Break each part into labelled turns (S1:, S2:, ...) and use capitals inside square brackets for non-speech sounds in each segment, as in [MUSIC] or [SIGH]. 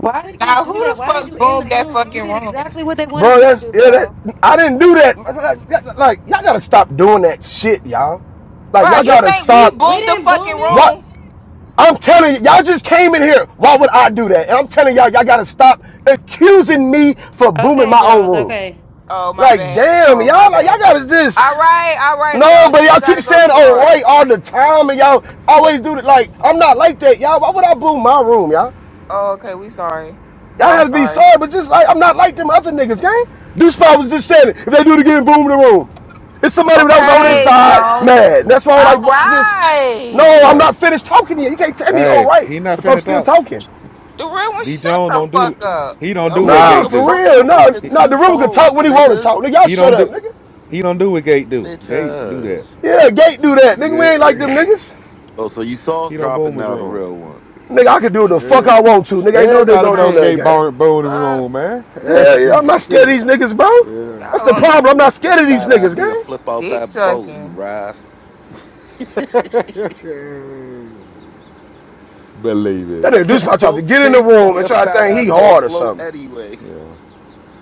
S1: Why did you
S2: Now
S1: do
S2: who
S1: that?
S2: the
S1: Why did
S2: fuck
S1: you end the
S2: boomed that
S1: room? You
S2: fucking
S1: did
S2: room?
S1: exactly what they wanted
S3: Bro,
S1: you to
S3: that's
S1: do,
S3: yeah, that
S1: bro.
S3: I didn't do that. Like, like, like, y'all gotta stop doing that shit, y'all. Like
S2: Bro,
S3: y'all
S2: you
S3: gotta
S2: think we
S3: stop.
S1: We
S2: boomed the
S1: didn't
S2: fucking
S1: boom it.
S3: What
S2: room?
S3: I'm telling you, y'all just came in here. Why would I do that? And I'm telling y'all, y'all gotta stop accusing me for booming
S1: Okay,
S3: my own
S1: Jones.
S3: room.
S1: Okay.
S2: Oh my
S3: Like,
S2: bad.
S3: damn,
S2: Oh my
S3: y'all, like, y'all
S2: bad.
S3: gotta just
S2: All right, all right,
S3: no,
S2: Jones.
S3: but
S2: You
S3: y'all
S2: ain't
S3: keep
S2: gotta go
S3: saying
S2: too
S3: all
S2: hard.
S3: right all the time, and y'all always do it. Like, I'm not like that, y'all. Why would I boom my room, y'all?
S2: Oh, okay, we sorry. Well,
S3: Y'all
S2: I'm
S3: gotta be
S2: sorry.
S3: sorry, but just like I'm not like them other niggas, gang. This spot was just saying it. If they do it again, boom in the room. It's somebody that was on this
S4: Yeah,
S2: Okay,
S3: side,
S2: Jones.
S3: mad.
S4: yeah,
S3: That's why
S2: All
S3: I'm like, just no,
S2: right.
S3: I'm
S4: right.
S3: not finished talking yet. You can't tell me, all
S4: Hey,
S3: right,
S4: he not
S3: if I'm
S4: finna
S3: still
S4: talk.
S3: talking.
S2: The real one,
S4: D
S2: shut
S4: Jones
S2: the
S4: don't do.
S2: fuck up.
S4: He don't do
S5: Yo,
S4: what
S5: shut
S3: Nah,
S5: the
S4: Gate
S3: for
S4: do.
S5: fuck
S3: real.
S5: up with
S3: Nah,
S5: your
S4: He,
S3: nah,
S5: two
S3: the rumor could talk
S5: toes,
S3: when he wanna
S5: nigga.
S3: talk. Nigga, y'all
S4: he don't
S3: shut up,
S4: do.
S3: nigga.
S4: He don't do what Gate do.
S5: Bitch
S4: Gate do that.
S5: ass.
S3: Yeah, Gate do that. Nigga, we ain't like
S4: Yeah. [LAUGHS]
S3: them niggas.
S5: Oh, so you soft
S4: He don't boom
S5: dropping
S4: his
S5: now the
S4: room.
S5: real one.
S3: Nigga, I can do the fuck I want to. Nigga, ain't no nigga
S4: Everybody
S3: gonna
S4: know
S3: do nothing,
S4: Gate
S2: Hey,
S3: gang.
S4: boom boom his
S2: fuck
S4: room, man. [LAUGHS] Eh,
S3: Yeah, yeah, I'm not scared of these niggas, bro. That's
S2: y'all
S3: the
S2: on this
S3: problem. I'm not
S2: bitch.
S5: That
S3: scared of these
S5: fat
S3: niggas,
S5: ass need to
S3: gang.
S5: flip out
S2: Dick
S5: that boat, you
S2: sucking.
S5: raft. [LAUGHS]
S4: Believe it.
S3: That nigga Deuce
S5: that
S3: Pop tried to
S5: boat
S3: get in the
S5: sink,
S3: room and
S5: your
S3: try to
S5: fat
S3: think he
S5: ass gonna
S3: hard or
S5: float
S3: something.
S5: anyway.
S4: Yeah.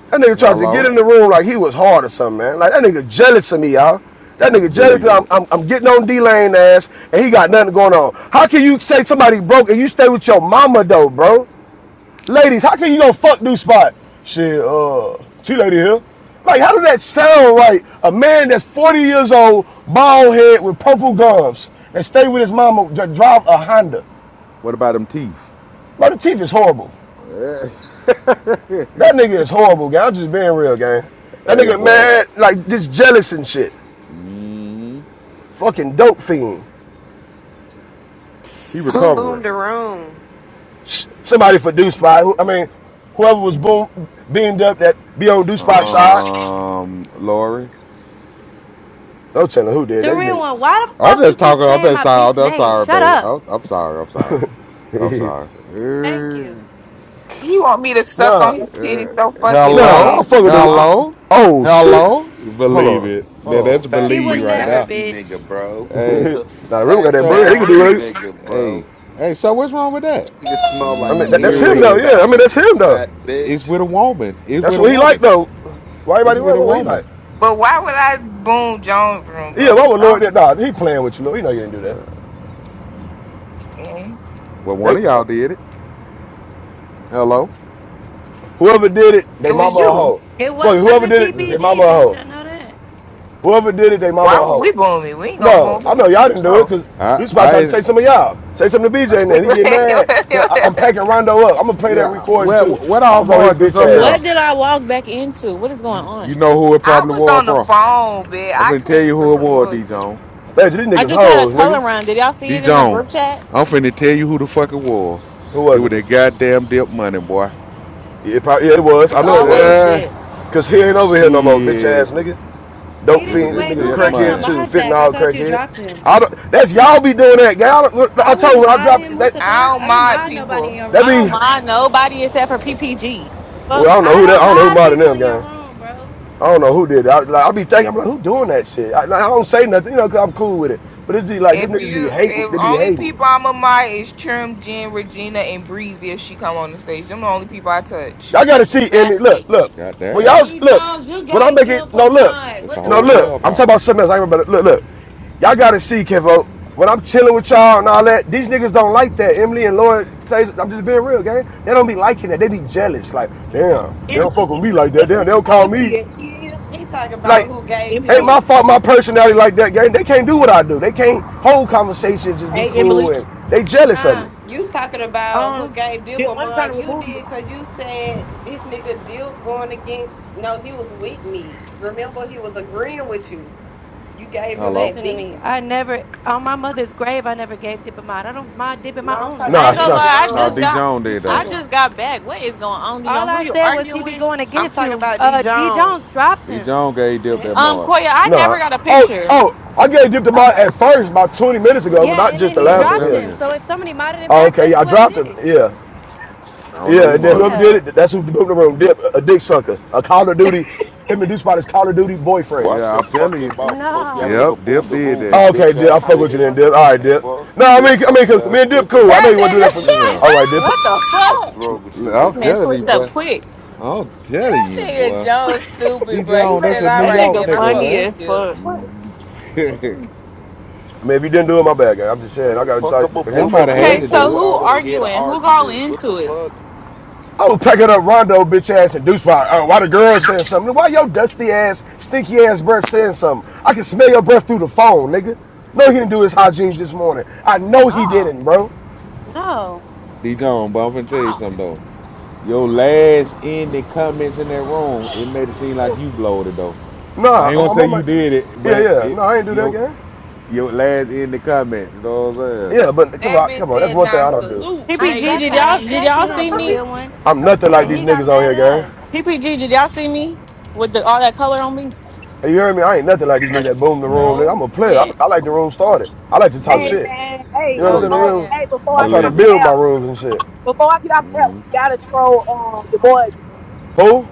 S3: That nigga tried to get
S4: Hello.
S3: in the room like he was hard or something, man. Like that nigga jealous of me, y'all. That nigga jealous.
S4: Believe
S3: that
S4: it.
S3: I'm, I'm, I'm getting on D Lane ass and he got nothing going on. How can you say somebody broke and you stay with your mama though, bro? Ladies, how can you go fuck Deuce Spot? Shit, uh, she lady here. Like, how does that sound right? A man that's 40 years old, bald head with purple gums, that stay with his mama, that drive a Honda.
S4: What about them teeth?
S3: Bro, the teeth is horrible. That nigga is horrible, gang. I'm just being real, gang. That
S4: Hey,
S3: nigga
S4: boy.
S3: mad, like just jealous and shit.
S4: Mm.
S3: Fucking dope fiend.
S4: He
S6: Who boomed
S4: recovering.
S6: the room?
S3: Sh- Somebody for Deuce Spot. I mean, whoever was boom beamed up that be on Deuce Spot side.
S4: Um, Lori.
S3: No telling who did
S1: The
S3: that
S1: real one.
S3: nigga.
S1: Why the
S4: I'm
S1: fuck you
S4: just
S1: keep
S4: talking. I'm
S1: saying
S4: just
S1: my
S4: sorry. I'm
S1: bitch
S4: just
S1: name?
S4: sorry,
S1: Shut
S4: baby.
S1: up.
S4: I'm, I'm sorry. I'm sorry. I'm sorry.
S1: Thank you.
S4: Uh,
S2: You want me to
S3: [LAUGHS]
S2: suck
S3: nah,
S2: on his titties
S4: uh,
S2: so fucking
S3: nah. I will
S2: bad?
S4: hello,
S2: Leave
S3: fuck
S2: me
S3: with the.
S2: alone.
S4: hello,
S3: Oh shit.
S4: hello.
S3: Hold
S4: Believe
S3: on,
S4: it. That-
S5: You a
S3: hold
S4: that's
S5: fat
S1: She would
S4: believe
S5: freak
S4: right
S1: never,
S4: now.
S5: nasty
S1: bitch.
S5: nigga, bro.
S4: Hey,
S5: You's
S3: on.
S5: a
S3: [LAUGHS] nah, Rim got
S5: fat
S3: that
S4: so
S3: bread. He can
S5: nasty
S3: do it.
S5: nigga,
S4: hey,
S5: bro.
S4: hey. So what's wrong with that?
S5: Nigga smell
S3: I
S5: like
S3: mean, that, that's him though.
S5: earring
S4: Mm,
S3: Yeah, I
S4: uh,
S3: mean
S5: back,
S3: that's him though.
S5: fat
S4: It's
S5: bitch.
S4: with a woman. It's
S3: That's
S4: with a
S3: what he like
S4: woman.
S3: though. Why
S4: It's
S3: everybody worry
S4: with a
S3: about what he
S4: woman.
S3: like?
S2: But why would I boom Jones room
S3: Yeah, why
S2: though?
S3: would Lord
S2: Don't-
S3: Nah, he playing with you, Lord. You know you didn't do that.
S2: man.
S4: Well, one
S3: They
S4: of y'all did it. Hello.
S3: whoever did it,
S2: It
S3: they
S2: was
S3: mama a
S2: you.
S3: hoe.
S1: It
S3: Fuck it, whoever
S1: wasn't
S3: did it,
S4: Uh,
S3: they mama
S1: PPG,
S3: a
S1: bitch.
S3: hoe.
S1: I know that.
S3: Whoever did it, they mama
S2: Why
S3: a
S2: would
S3: hoe.
S2: we boom it? We ain't gonna
S3: No,
S2: boom
S3: I
S2: it
S3: know y'all
S2: for
S3: didn't do it
S2: sure.
S3: because
S4: I,
S3: this about trying to
S4: I,
S3: say some of y'all. Say something to BJ and then he get mad. Cause I, am
S2: [LAUGHS]
S3: packing Rondo up. I'm gonna play that
S4: yeah.
S3: recording
S4: Well,
S3: too.
S4: what all
S3: I'll roll his
S4: March was
S3: bitch
S4: up there?
S7: What
S3: ass.
S7: did I walk back into? What is going
S4: You,
S7: on?
S4: you know who it
S2: I
S4: probably
S2: was
S4: was,
S2: on the
S4: bro.
S2: phone, bitch.
S4: I'm
S2: I
S4: finna tell
S2: came
S4: you
S2: for
S4: who it
S2: some
S4: was, D
S2: bullshit.
S4: Zone.
S3: Stage, these
S7: I
S3: niggas
S7: just had a
S3: hoes,
S7: color
S3: nigga.
S7: run. Did y'all see
S4: D
S7: it in the
S4: Zone,
S7: group chat?
S4: I'm finna tell you who the fuck it was.
S3: Who
S4: It
S3: was
S4: was
S3: it?
S4: that goddamn dip money, boy.
S3: Yeah, It probably yeah, it was.
S7: It's
S3: I know it
S7: always
S3: was.
S4: Uh,
S7: dead.
S3: Cause he ain't over here no more, bitch ass
S4: shit.
S3: nigga.
S1: He
S3: Dope
S4: It
S1: did. not
S4: was
S3: fiend. This
S4: that
S1: Wait,
S3: nigga's a
S1: who
S4: dip
S1: gave him a
S3: crackhead
S4: money.
S3: too.
S1: mod
S3: Fitting
S1: back? I
S3: all
S1: thought you
S3: crackhead.
S1: dropped him.
S3: I don't, that's y'all be doing that. Y'all, I I
S1: I
S3: told you
S1: wouldn't
S3: when I
S1: mod
S3: dropped
S1: him. What
S3: that,
S1: the fuck?
S2: I don't
S1: I don't
S2: mind
S1: mod nobody in
S2: people.
S1: your
S3: that
S7: I don't
S3: be
S1: room.
S7: mind nobody except for PPG. The
S3: Well,
S7: fuck?
S3: I don't know
S1: I
S3: who that.
S1: don't
S3: I don't know who
S1: mod
S3: modded
S1: people
S3: them,
S1: in your
S3: gang.
S1: room, bro.
S3: I don't know who did it. I, like, I be thinking, I'm like, who doing that shit? I, like, I don't say nothing, you know, cause I'm cool with it. But it be like, them
S2: If
S3: niggas be
S2: you,
S3: hating.
S2: if
S3: They be
S2: only
S3: hating.
S2: people I'm a mind is Trim, Jen, Regina, and Breezy. If she come on the stage, them the only people I touch.
S3: Y'all gotta see, Emmy.
S7: Exactly.
S3: Look, look. When y'all
S4: Goddamn.
S6: D
S3: look,
S6: Jones, you
S3: when I
S6: gave
S3: make it,
S6: Dip a
S3: no, look,
S6: mind.
S4: That's the
S6: What the
S3: no,
S4: whole
S3: look.
S6: fuck?
S3: I'm talking
S4: clubhouse.
S3: about something else. I remember. Look, look. Y'all gotta see, Kevo. When I'm chilling with y'all and all that, these niggas don't like that. Emily and Lloyd, I'm just being real, gang. They don't be liking that. They be jealous. Like, damn, they
S8: Emily,
S3: don't fuck with me
S8: Emily,
S3: like that. Damn, they
S8: Emily,
S3: don't
S8: what
S3: call me.
S8: Emily at? She is
S6: He talking about
S3: Like,
S6: who gave
S3: ain't
S8: Emily.
S3: my
S6: him.
S3: fault my personality like that, gang. They can't do what I do. They can't hold conversations, just be
S8: Hey,
S3: cool,
S8: Emily.
S3: and they jealous of
S1: Huh?
S3: me.
S6: You talking about who
S8: Um,
S6: gave Dip
S8: did
S6: a
S8: one trying to
S6: mind? You
S8: remove you?
S6: did because you said this nigga Dip going against. No, he was with me. Remember, he was agreeing with you. You gave him
S4: Hello?
S6: that
S1: Listen to me.
S6: beating.
S1: I never on my mother's grave. I never gave dip a mod. I don't mind dipping my
S6: No, I'm
S1: own
S6: talking
S7: I
S3: Nah,
S1: rooms,
S7: ain't
S6: about
S7: gonna
S6: D
S3: nah,
S1: bitch.
S7: lie. I
S4: No,
S7: just
S4: D
S6: Jones.
S7: got.
S4: Zone
S1: You
S4: did
S7: I
S4: though.
S1: tripping?
S7: just got back. What is going on, Dijon?
S1: All
S7: Who
S1: I
S7: you
S1: said was he
S7: arguing
S1: be
S7: with?
S1: going
S6: I'm
S1: against
S6: talking
S1: you.
S6: about D
S1: Uh, D
S6: Jones.
S1: Jones dropped
S4: D
S1: him.
S4: Zone gave
S1: What the
S4: dip that
S1: hell?
S7: Um,
S4: mark.
S7: Koya, I never
S3: nah.
S7: got a
S3: Oh,
S7: picture.
S3: oh, I gave Dip to my
S6: Okay.
S3: at first about 20 minutes
S4: You
S3: ago, but
S4: know,
S1: Yeah,
S3: not
S1: and
S3: just
S1: then
S3: the
S1: he
S4: know what
S3: last
S4: I'm
S3: one
S1: dropped
S3: here.
S4: telling
S1: him.
S4: you.
S1: So if somebody modded him
S3: Oh,
S1: back,
S3: okay,
S1: that's
S3: yeah, I
S1: whoever
S3: dropped
S1: did
S3: him.
S1: it.
S3: Yeah,
S4: I don't know
S3: yeah,
S4: who
S3: and then
S4: marked the
S3: whoever
S1: Yeah.
S4: map.
S3: did it, that's who the room, Dip, a dick sucker, a Call of Duty. Him and Deuce Spot is Call of Duty
S5: Watch
S3: boyfriends.
S4: Yeah,
S5: your
S4: I'm telling
S5: fucking
S4: you.
S5: mouth, pussy. I didn't
S4: Yep,
S1: No.
S5: even boob
S4: Dip
S5: the
S4: did
S5: roof, you
S4: that.
S3: Oh, okay,
S5: bitch
S3: Dip, I
S5: ass
S1: Call
S3: fuck
S1: of
S3: with you
S1: Duty
S5: nigga.
S3: then, Dip.
S1: boyfriends
S3: All
S1: is
S3: right,
S1: crazy.
S3: Dip.
S5: Fuck,
S3: No, I
S5: dick
S3: mean, I mean,
S5: sucking
S3: 'cause me
S5: ass
S3: and Dip cool.
S5: nigga.
S3: I know
S2: That
S3: you want to do that for
S2: nigga.
S3: me.
S7: Did
S2: [LAUGHS]
S4: Listen,
S3: All right, Dip. Put,
S7: what the
S5: Fuck is
S7: fuck?
S5: wrong with you,
S7: This
S4: I'm
S7: man
S5: nigga?
S4: telling you,
S7: switched up
S4: boy.
S7: quick.
S4: I'm telling you,
S2: That Nigga
S4: boy.
S2: Jones
S4: D
S2: stupid, bro. He
S4: Jones, that's
S8: Right.
S2: said,
S4: a
S2: "All
S4: New
S7: That
S2: right,
S4: York
S7: nigga
S2: then I
S4: nigga,
S2: fuck
S7: funny
S2: with you,
S7: as
S2: Bill."
S7: fuck.
S8: What?
S4: man.
S3: I mean, if you didn't do it, my bad, guy. I'm just
S8: What
S3: saying, I
S8: is
S3: got
S8: this
S3: to
S5: Fuck,
S3: I
S5: I'ma
S4: [LAUGHS]
S3: can't
S5: boom the
S3: trust
S4: Somebody
S3: these
S5: room
S4: had
S7: Okay,
S3: niggas.
S4: to
S5: for
S7: so
S4: do
S5: when
S4: it.
S7: who
S5: I wanna hear the
S7: arguing? Who's all
S5: argument. What the
S7: into it?
S5: fuck?
S3: I was packing up Rondo, bitch ass, and Deuce Pie. Oh, why the girl saying something? Why your dusty ass, stinky ass breath saying something? I can smell your breath through the phone, nigga. No, he didn't do his hygiene this morning. I know he
S7: Oh,
S3: didn't, bro.
S1: No.
S4: D Jones, but I'm finna tell you
S7: oh.
S4: something though. Your last ending comments in that room, it made it seem like
S8: for?
S4: you blowed it though. I
S3: Nah,
S4: ain't
S3: I'm,
S4: gonna
S3: I'm,
S4: say
S3: I'm
S4: you
S3: like,
S4: did it,
S3: yeah,
S4: but
S3: yeah.
S4: it
S3: No, I ain't do that,
S4: your
S3: gang.
S4: your last ending comments, you know what I'm saying?
S3: Yeah, but come
S2: That
S3: on,
S2: bitch
S3: come on. That's
S2: said,
S3: one thing
S2: "Now
S3: I don't do.
S2: salute,
S1: I.
S7: PPG,
S2: Major
S1: That's
S7: did
S1: what I
S7: y'all
S2: Payne."
S7: did
S1: said to
S7: y'all
S1: him,
S7: see
S1: the
S7: me?
S1: real one,
S3: I'm nothing like
S1: and
S3: these
S4: Huh?
S1: he got
S3: niggas on
S1: mad
S3: here, gang.
S1: at us.
S7: PPG, did y'all see me with the, all that color on me?
S3: You hear me? I ain't nothing like these niggas that boom the room. Nigga.
S2: No,
S3: I'm a player. I,
S2: went
S3: I like the room started. I like to talk
S8: Hey
S4: Believe,
S3: shit.
S8: man.
S4: it.
S3: You
S8: Hey,
S3: know what I'm
S1: Oh
S3: saying?
S4: believe
S3: The
S1: girl,
S4: it,
S8: before
S3: room.
S8: hey
S1: yeah.
S8: before
S3: I'm
S8: I get
S3: trying to
S8: off
S4: believe it.
S8: the
S3: build my
S8: app,
S3: rooms and shit.
S8: before I get off the app, we gotta troll um your boy again.
S3: Who?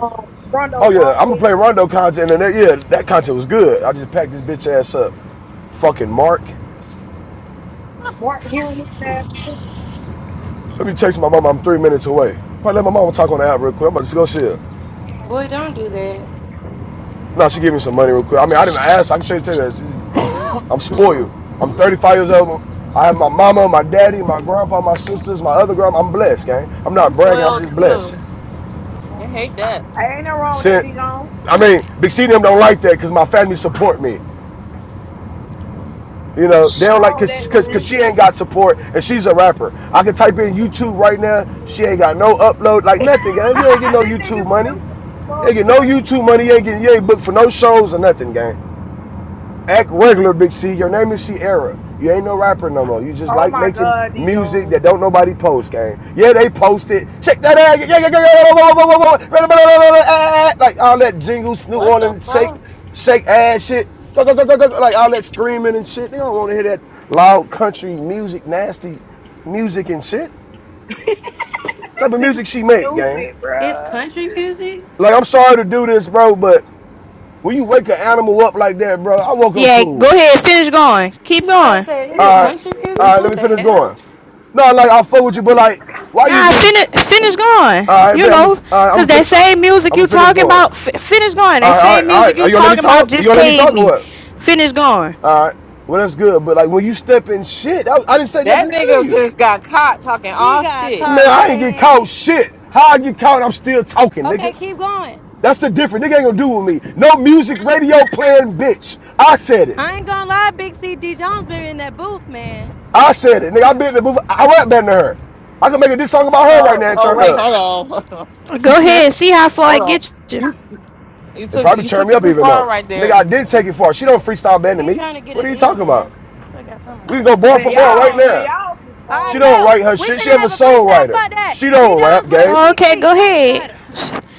S8: Um, Rondo
S3: Oh yeah, I'm gonna
S8: Longhead,
S3: play Rondo content and that, yeah, that content was good. I just packed this bitch ass up. Fucking Mark.
S8: Mark Henry looking at nigga.
S3: Let me text my mama. I'm three minutes away. Probably let my mama talk on the app real quick. I'm about to go see her.
S1: Boy, don't do that.
S3: Nah, she give me some money real quick. I mean, I didn't ask. I can show you the I'm spoiled. I'm 35 years old. I have my mama, my daddy, my grandpa, my sisters, my other grandma. I'm blessed, gang. I'm not
S7: I'm
S3: bragging. I'm
S7: soiled
S3: just blessed.
S7: too. I hate that.
S8: Hey, ain't nothing wrong with that
S3: Shit.
S8: Dijon.
S3: I mean, Big C and them don't like that because my family support me. You know,
S8: Ain't
S3: they
S8: nothing
S3: don't
S8: wrong
S3: like
S8: with that
S3: cause, cause, cause
S8: twin.
S3: she ain't got support and she's a rapper. I can type in YouTube right now. She ain't got no upload,
S8: [LAUGHS]
S3: like nothing, gang. You ain't get no
S8: this nigga
S3: YouTube money.
S8: stupid as
S3: You ain't
S8: fuck,
S3: get no
S8: bro.
S3: YouTube money. You ain't get. you ain't booked for no shows or nothing, gang. Act regular, Big C. Your name is Sierra. You ain't no rapper no more. You just
S8: Oh
S3: like
S8: my
S3: making
S8: god,
S3: music
S8: Dijon.
S3: that don't nobody post, gang. Yeah, they post it. Check that ass. Yeah, yeah, yeah, yeah, yeah, yeah, yeah, yeah, yeah, yeah, yeah, yeah, yeah, yeah, yeah. Like all that jingles, New
S7: What the
S3: Orleans shake,
S7: fuck?
S3: shake ass shit. Like all that screaming and shit. They don't want to hear that loud country music, nasty music and shit. Type of
S8: This nigga
S3: music she make, gang.
S8: stupid,
S1: It's
S8: bro.
S1: country music.
S3: Like I'm sorry to do this, bro, but when you wake an animal up like that, bro, I woke up
S9: Yeah, go
S3: cool.
S9: ahead, finish going. Keep
S1: I
S9: going.
S1: said, is
S8: This
S1: it
S8: nigga
S1: country
S3: All
S1: music?
S3: right, let
S1: What
S3: me
S8: stupid.
S1: the
S3: finish
S1: hell?
S3: going. No, like I fuck with you, but like, why you
S9: Nah,
S3: just?
S9: finish finish going.
S3: All right,
S9: You
S3: man, I'm gonna,
S9: know,
S3: right, I'm
S9: cause
S3: gonna,
S9: that
S3: fin-
S9: same
S3: I'm
S9: music
S3: gonna
S9: you
S3: finish
S9: talking
S3: going.
S9: about, f- finish going. That
S3: All right, all
S9: same
S3: right, all
S9: music
S3: right.
S9: you
S3: Are you gonna let me
S9: talking about
S3: talk? You
S9: just
S3: gonna let me
S9: paid
S3: talk or
S9: me.
S3: what?
S9: Finish going.
S3: Well, that's good, but like when you step in shit, I, I didn't say
S7: That
S3: nothing to
S7: nigga
S3: you,
S7: just got caught talking
S1: He
S7: all
S1: got
S7: shit.
S3: man.
S1: caught
S3: I ain't get caught
S1: red-handed.
S3: shit. How I get caught? I'm still talking,
S1: Okay,
S3: nigga.
S1: keep going.
S3: That's the difference. Nigga ain't gonna do with me. No music, radio playing, bitch. I said it.
S1: I ain't gonna lie, Big C. D. Jones been in that booth, man.
S3: I said it, nigga. I
S1: Okay.
S3: been in the booth. I rap better than her. I can make a diss song about her right
S7: Oh,
S3: now and
S7: oh
S3: turn
S7: wait,
S3: up.
S7: hold on,
S9: Go
S2: [LAUGHS]
S9: ahead, see how
S7: [LAUGHS]
S9: far
S7: hold
S9: it
S7: on.
S9: gets you.
S7: You, you
S3: It
S7: took
S3: probably
S7: you
S3: turned
S7: took
S3: me
S7: it
S3: up
S7: too
S3: even
S7: far
S3: more.
S7: right
S3: Nigga,
S7: there.
S3: I
S7: [LAUGHS]
S3: didn't take it far. She don't freestyle band to
S1: He
S3: me.
S1: trying to get a
S3: What are you
S1: deal,
S3: talking about?
S1: man. That's What I got talking about?
S3: We can go bar
S8: Man,
S3: for bar right
S8: y'all, man,
S3: now.
S8: y'all some
S1: All
S3: She
S1: right,
S8: trolls.
S3: don't
S1: go.
S3: write her
S1: We
S3: shit. She
S1: finna
S3: have a
S1: have a freestyle. Fuck
S3: songwriter.
S1: that.
S3: She
S1: D.
S3: don't rap,
S1: Jones versus
S3: gang.
S1: Big
S9: Okay,
S1: C.
S9: go
S1: Change the
S9: ahead.
S1: title.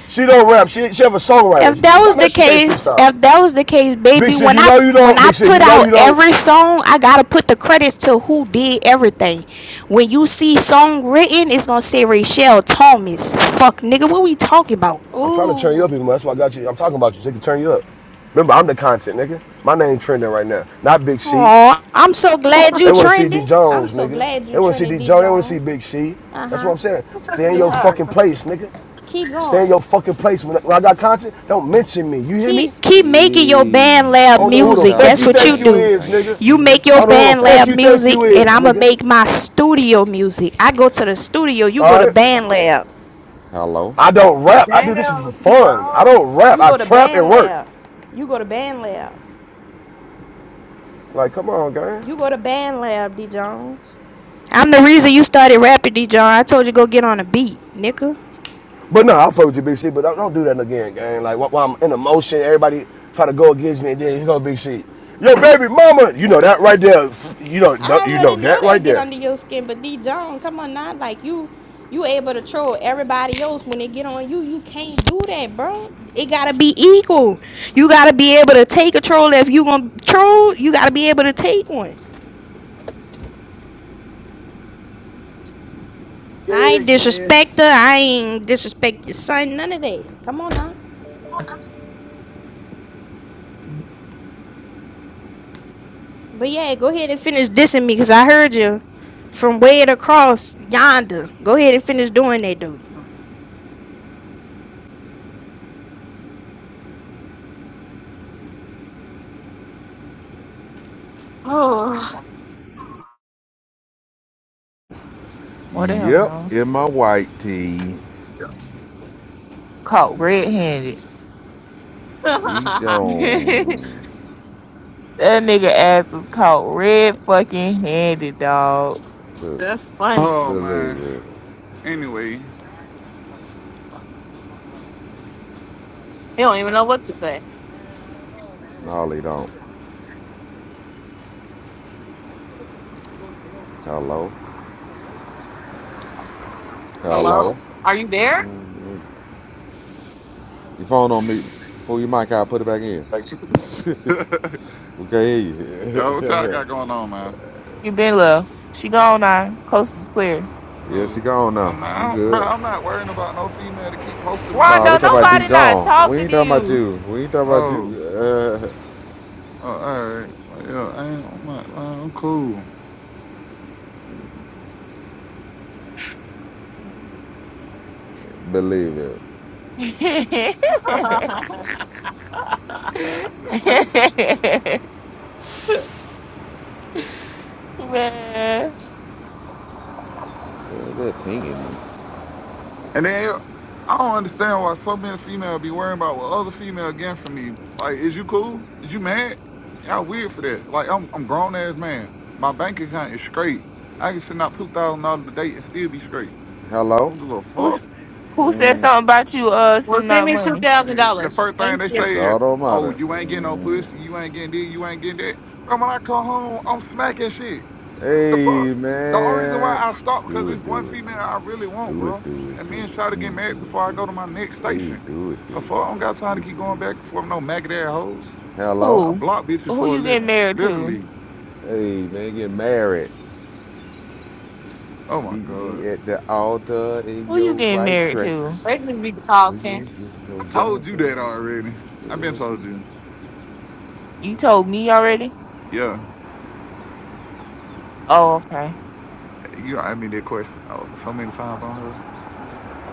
S3: She don't rap. She, she have a songwriter.
S9: If that was
S3: Y'all know
S9: the
S3: she can't
S9: case,
S3: freestyle.
S9: if that was the case,
S3: Big
S9: baby,
S3: shit,
S9: when
S3: you
S9: I
S3: know you
S9: when
S3: don't.
S9: I
S3: Big shit,
S9: put
S3: you know
S9: out
S3: you don't.
S9: every song, I gotta put the credits to who did everything. When you see song written, it's gonna say Rachelle Thomas. Fuck, nigga, what we talking about?
S3: I'm trying to turn you up
S1: Ooh.
S3: even more. That's why I got you. I'm talking about you so they can turn you up. Remember, I'm the content, nigga. My name trending right now. Not Big C.
S9: Oh, I'm so glad
S3: They
S9: you
S3: want to see D
S9: trending. I'm
S3: Jones,
S9: so
S3: nigga.
S9: glad you
S3: They want to see
S9: trending,
S3: D
S9: D.
S3: Jones. They want to see
S9: John.
S3: Big C.
S9: Uh
S3: That's what
S9: huh.
S3: I'm saying.
S7: You took
S3: Stay
S7: it
S3: in
S7: too
S9: Yeah.
S3: your
S7: far.
S3: fucking place, nigga.
S9: Keep
S3: Stay in
S9: going.
S3: your fucking place. When, I got content, don't mention me. You hear me?
S9: Keep keep making your band
S4: Hey,
S3: I
S9: lab
S3: don't know
S4: sixty
S3: who the
S9: music.
S3: fuck
S9: That's
S3: you
S4: thousand
S9: what you
S3: think you
S4: fans
S9: do.
S3: is,
S4: came to
S3: nigga.
S9: You
S4: see me
S9: make your
S3: I
S4: do
S3: don't know
S4: my
S3: who the
S9: band
S3: fuck
S9: lab
S3: you
S4: things.
S3: think you
S9: music, and
S3: is,
S9: I'ma
S3: nigga.
S9: make my studio music. I go to the studio. You go
S3: All
S9: to
S3: right?
S9: band lab.
S4: Hello.
S3: I don't rap. I do this for
S8: Damn, D
S3: fun. I
S8: Jones,
S3: don't rap.
S9: You
S3: I
S9: go to
S3: trap and
S9: band
S3: work.
S9: lab. You go to band lab.
S3: Like, come on, gang.
S9: You go to band lab, D. John. I'm the reason you started rapping, D. John. I told you go get on a beat, nigga.
S3: But no, I fuck with you, BC, but don't, don't do that again, gang. Like, while I'm in emotion, everybody try to go against me, and then here go BC. Yo, baby mama. You know that right there. You know,
S9: I
S3: you know
S9: already know
S3: that
S9: that
S3: right
S9: get
S3: there.
S9: under your skin, but D John, come on now, like you, you able to troll everybody else when they get on you. You can't do that, bro. It gotta be equal. You gotta be able to take a troll if you gonna troll. You gotta be able to take one. I
S3: Yeah,
S9: ain't
S3: yeah.
S9: disrespect her. I ain't disrespect your son. None of that. Come on now. But yeah, go ahead and finish dissing me, cause I heard you from way across yonder. Go ahead and finish doing that, dude.
S7: Oh,
S4: Yep,
S2: whatever.
S4: in my white tee.
S2: Caught red-handed.
S4: E.
S2: [LAUGHS]
S7: [LAUGHS]
S2: that
S4: Jones.
S2: nigga ass was caught red fucking handed, dog.
S4: But
S7: that's funny.
S10: Oh man.
S4: believe it.
S10: Anyway,
S7: He don't even know what to say.
S4: No, they don't. Hello?
S7: Hello,
S4: Hello?
S7: are you there?
S4: Your phone on mute. Pull your mic out, put it back in.
S10: [LAUGHS] yo,
S4: We can't hear you.
S10: what y'all got going on, man?
S2: She been left. She gone now. Coast is clear.
S4: [LAUGHS] yeah, she
S10: Who?
S4: gone
S10: I'm
S4: now.
S10: not, I
S4: You
S10: don't- bro.
S4: good?
S10: I'm not worrying about no female to keep posting my
S4: Nah, we
S2: Rondo,
S4: talking
S10: picture,
S4: about D.
S10: gang.
S2: nobody not
S4: Jones. We
S2: talking
S4: ain't
S2: to
S4: talking about
S2: you.
S4: you. We ain't talking about you.
S10: Oh,
S4: [LAUGHS] Uh,
S10: oh all right. Well, yeah, I ain't, I'm not. Man, I'm cool.
S4: believe it.
S7: [LAUGHS]
S2: [LAUGHS]
S10: It's- like,
S2: Man,
S4: Yeah, they're pinging me.
S10: And then I don't understand why so many female be worrying about what other female getting from me. Like, is you cool? Is you mad? Y'all weird for that. Like, I'm I'm grown ass man. My bank account is straight. I can send out two thousand dollars a day and still be straight. I
S4: Hello?
S10: don't give a
S2: who
S10: fuck.
S2: who said
S4: Mm,
S2: something about you? Uh,
S7: well,
S2: sending
S7: send
S2: out
S7: me two
S2: money.
S7: thousand
S10: The
S7: dollars.
S10: first thing they
S7: Thank you.
S4: good
S10: say is,
S4: God
S10: "Oh,
S4: Almighty.
S10: you ain't getting no
S4: Mm.
S10: pussy. You ain't getting this. You ain't getting that." But when I come home, I'm smacking shit. Like what the
S4: Hey,
S10: fuck? The only reason why
S4: man.
S10: I stopped because
S4: Do
S10: this
S4: it,
S10: one
S4: do it.
S10: female I really want,
S4: Do it,
S10: bro.
S4: do it,
S10: And
S4: do
S10: me and
S4: it.
S10: Shawty get
S4: Mm, do
S10: married
S4: it,
S10: before
S4: do
S10: I go to my next
S4: it. Mm. Hey,
S10: station.
S4: do it, do it.
S10: The fuck, I don't got
S4: Mm.
S10: time
S4: You
S10: to
S4: do,
S10: keep
S4: do it.
S10: going
S4: do
S10: back and
S4: it.
S10: forth with no maggot ass hoes.
S4: Hello?
S10: I
S2: Who?
S10: block bitches
S2: Who
S10: for a
S2: you getting
S10: living,
S2: married to?
S10: literally.
S4: Hey, man, get married.
S10: Oh my
S4: Meet
S10: god,
S4: me at the altar in
S2: Who you
S4: your
S2: getting
S4: white
S2: married to?
S7: Let me
S4: dress.
S7: be
S4: When you
S7: talking.
S4: ain't getting
S10: I
S4: no
S10: told you
S4: younger,
S10: that already. I've been
S4: well, do
S10: told you.
S2: You told me already?
S10: Yeah,
S2: Oh, okay.
S10: you know, I mean that question oh, so many times on here.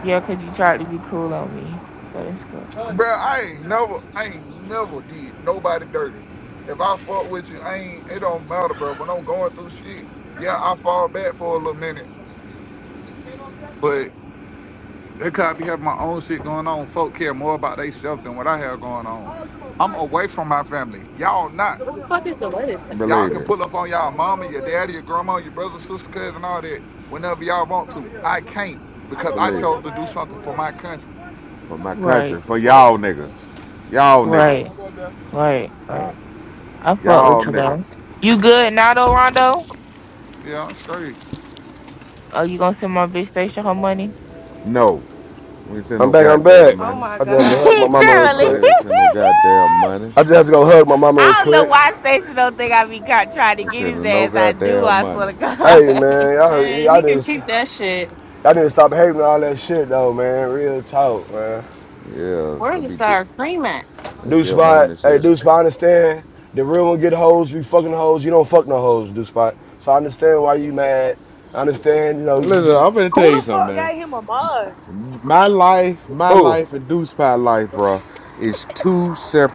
S2: Yeah, 'cause you tried to be cool on me. But it's cool.
S10: Bro, I ain't never, I ain't never did nobody dirty. If I fuck with you, I ain't. It don't matter, bro. When I'm going through shit, yeah, I fall back for a little minute, but they could be having my own shit going on. Folk care more about they self than what I have going on. I'm
S3: Mike,
S10: away from my family. Y'all not.
S3: the
S7: What
S3: one
S7: the
S3: that
S7: fuck
S3: owned the
S7: is the
S3: barbershop.
S7: latest?
S3: That's Mike.
S10: Y'all
S4: Believe
S10: can
S4: it.
S10: pull up on y'all
S3: Yeah, real
S10: mama,
S3: little
S10: your
S3: dread.
S10: daddy, your grandma, your brother, sister, cousin, all that whenever y'all want
S3: Oh,
S10: to. I can't
S3: yeah. I
S10: because
S3: go up
S10: I
S3: there right
S4: Believe
S10: chose
S3: now.
S4: it.
S10: to
S3: My
S10: do
S3: ass is
S10: something
S3: going
S10: for my country.
S3: up.
S4: For my
S2: Right,
S4: country.
S10: The
S4: For
S10: fuck?
S4: y'all niggas. Y'all
S3: My ass is
S4: niggas.
S2: right,
S3: going up
S2: right, right. I fuck
S4: Y'all
S2: with you though.
S4: niggas.
S2: You good now though, Rondo?
S10: Yeah, I'm straight.
S2: Oh, you gonna send my bitch station her money?
S4: No. We ain't sending
S3: I'm
S4: no
S3: back. I'm
S4: goddamn
S3: back.
S1: Oh
S4: money.
S1: my
S3: I just
S2: [LAUGHS]
S3: had
S2: Charlie.
S3: to
S10: I
S1: God.
S3: hug my
S10: ain't gonna
S3: mama
S10: be
S3: real
S10: down.
S4: We
S2: [LAUGHS]
S3: quick.
S4: ain't sending no goddamn money.
S3: I just had to go hug my mama real
S2: I don't know
S3: quick.
S2: why Station don't think I be ca- trying to
S4: We ain't
S2: get his
S4: sending no
S2: ass. I do,
S4: goddamn
S2: I
S4: money.
S2: swear to
S3: Hey
S2: God. [LAUGHS]
S3: man, y'all,
S7: Man,
S3: y'all
S7: he can
S3: just
S7: keep
S3: y'all
S7: that shit.
S3: need to stop hating all that shit though, man. Real talk, man.
S4: Yeah,
S7: Where's
S4: that'd
S7: the
S4: be it.
S7: sour cream at?
S4: They
S3: Deuce spot,
S4: money
S3: hey
S4: shit.
S3: Deuce spot, I understand. The real one get hoes, be fucking hoes. You don't fuck no hoes, Deuce spot. So I understand why you mad. I understand, you know, you
S4: Listen,
S3: just
S4: I'm gonna tell
S8: Who the
S4: you something,
S8: fuck
S4: man.
S8: got him a mod?
S4: My life, my
S3: who?
S4: life, and Deuce Pie life, bro, is two separate.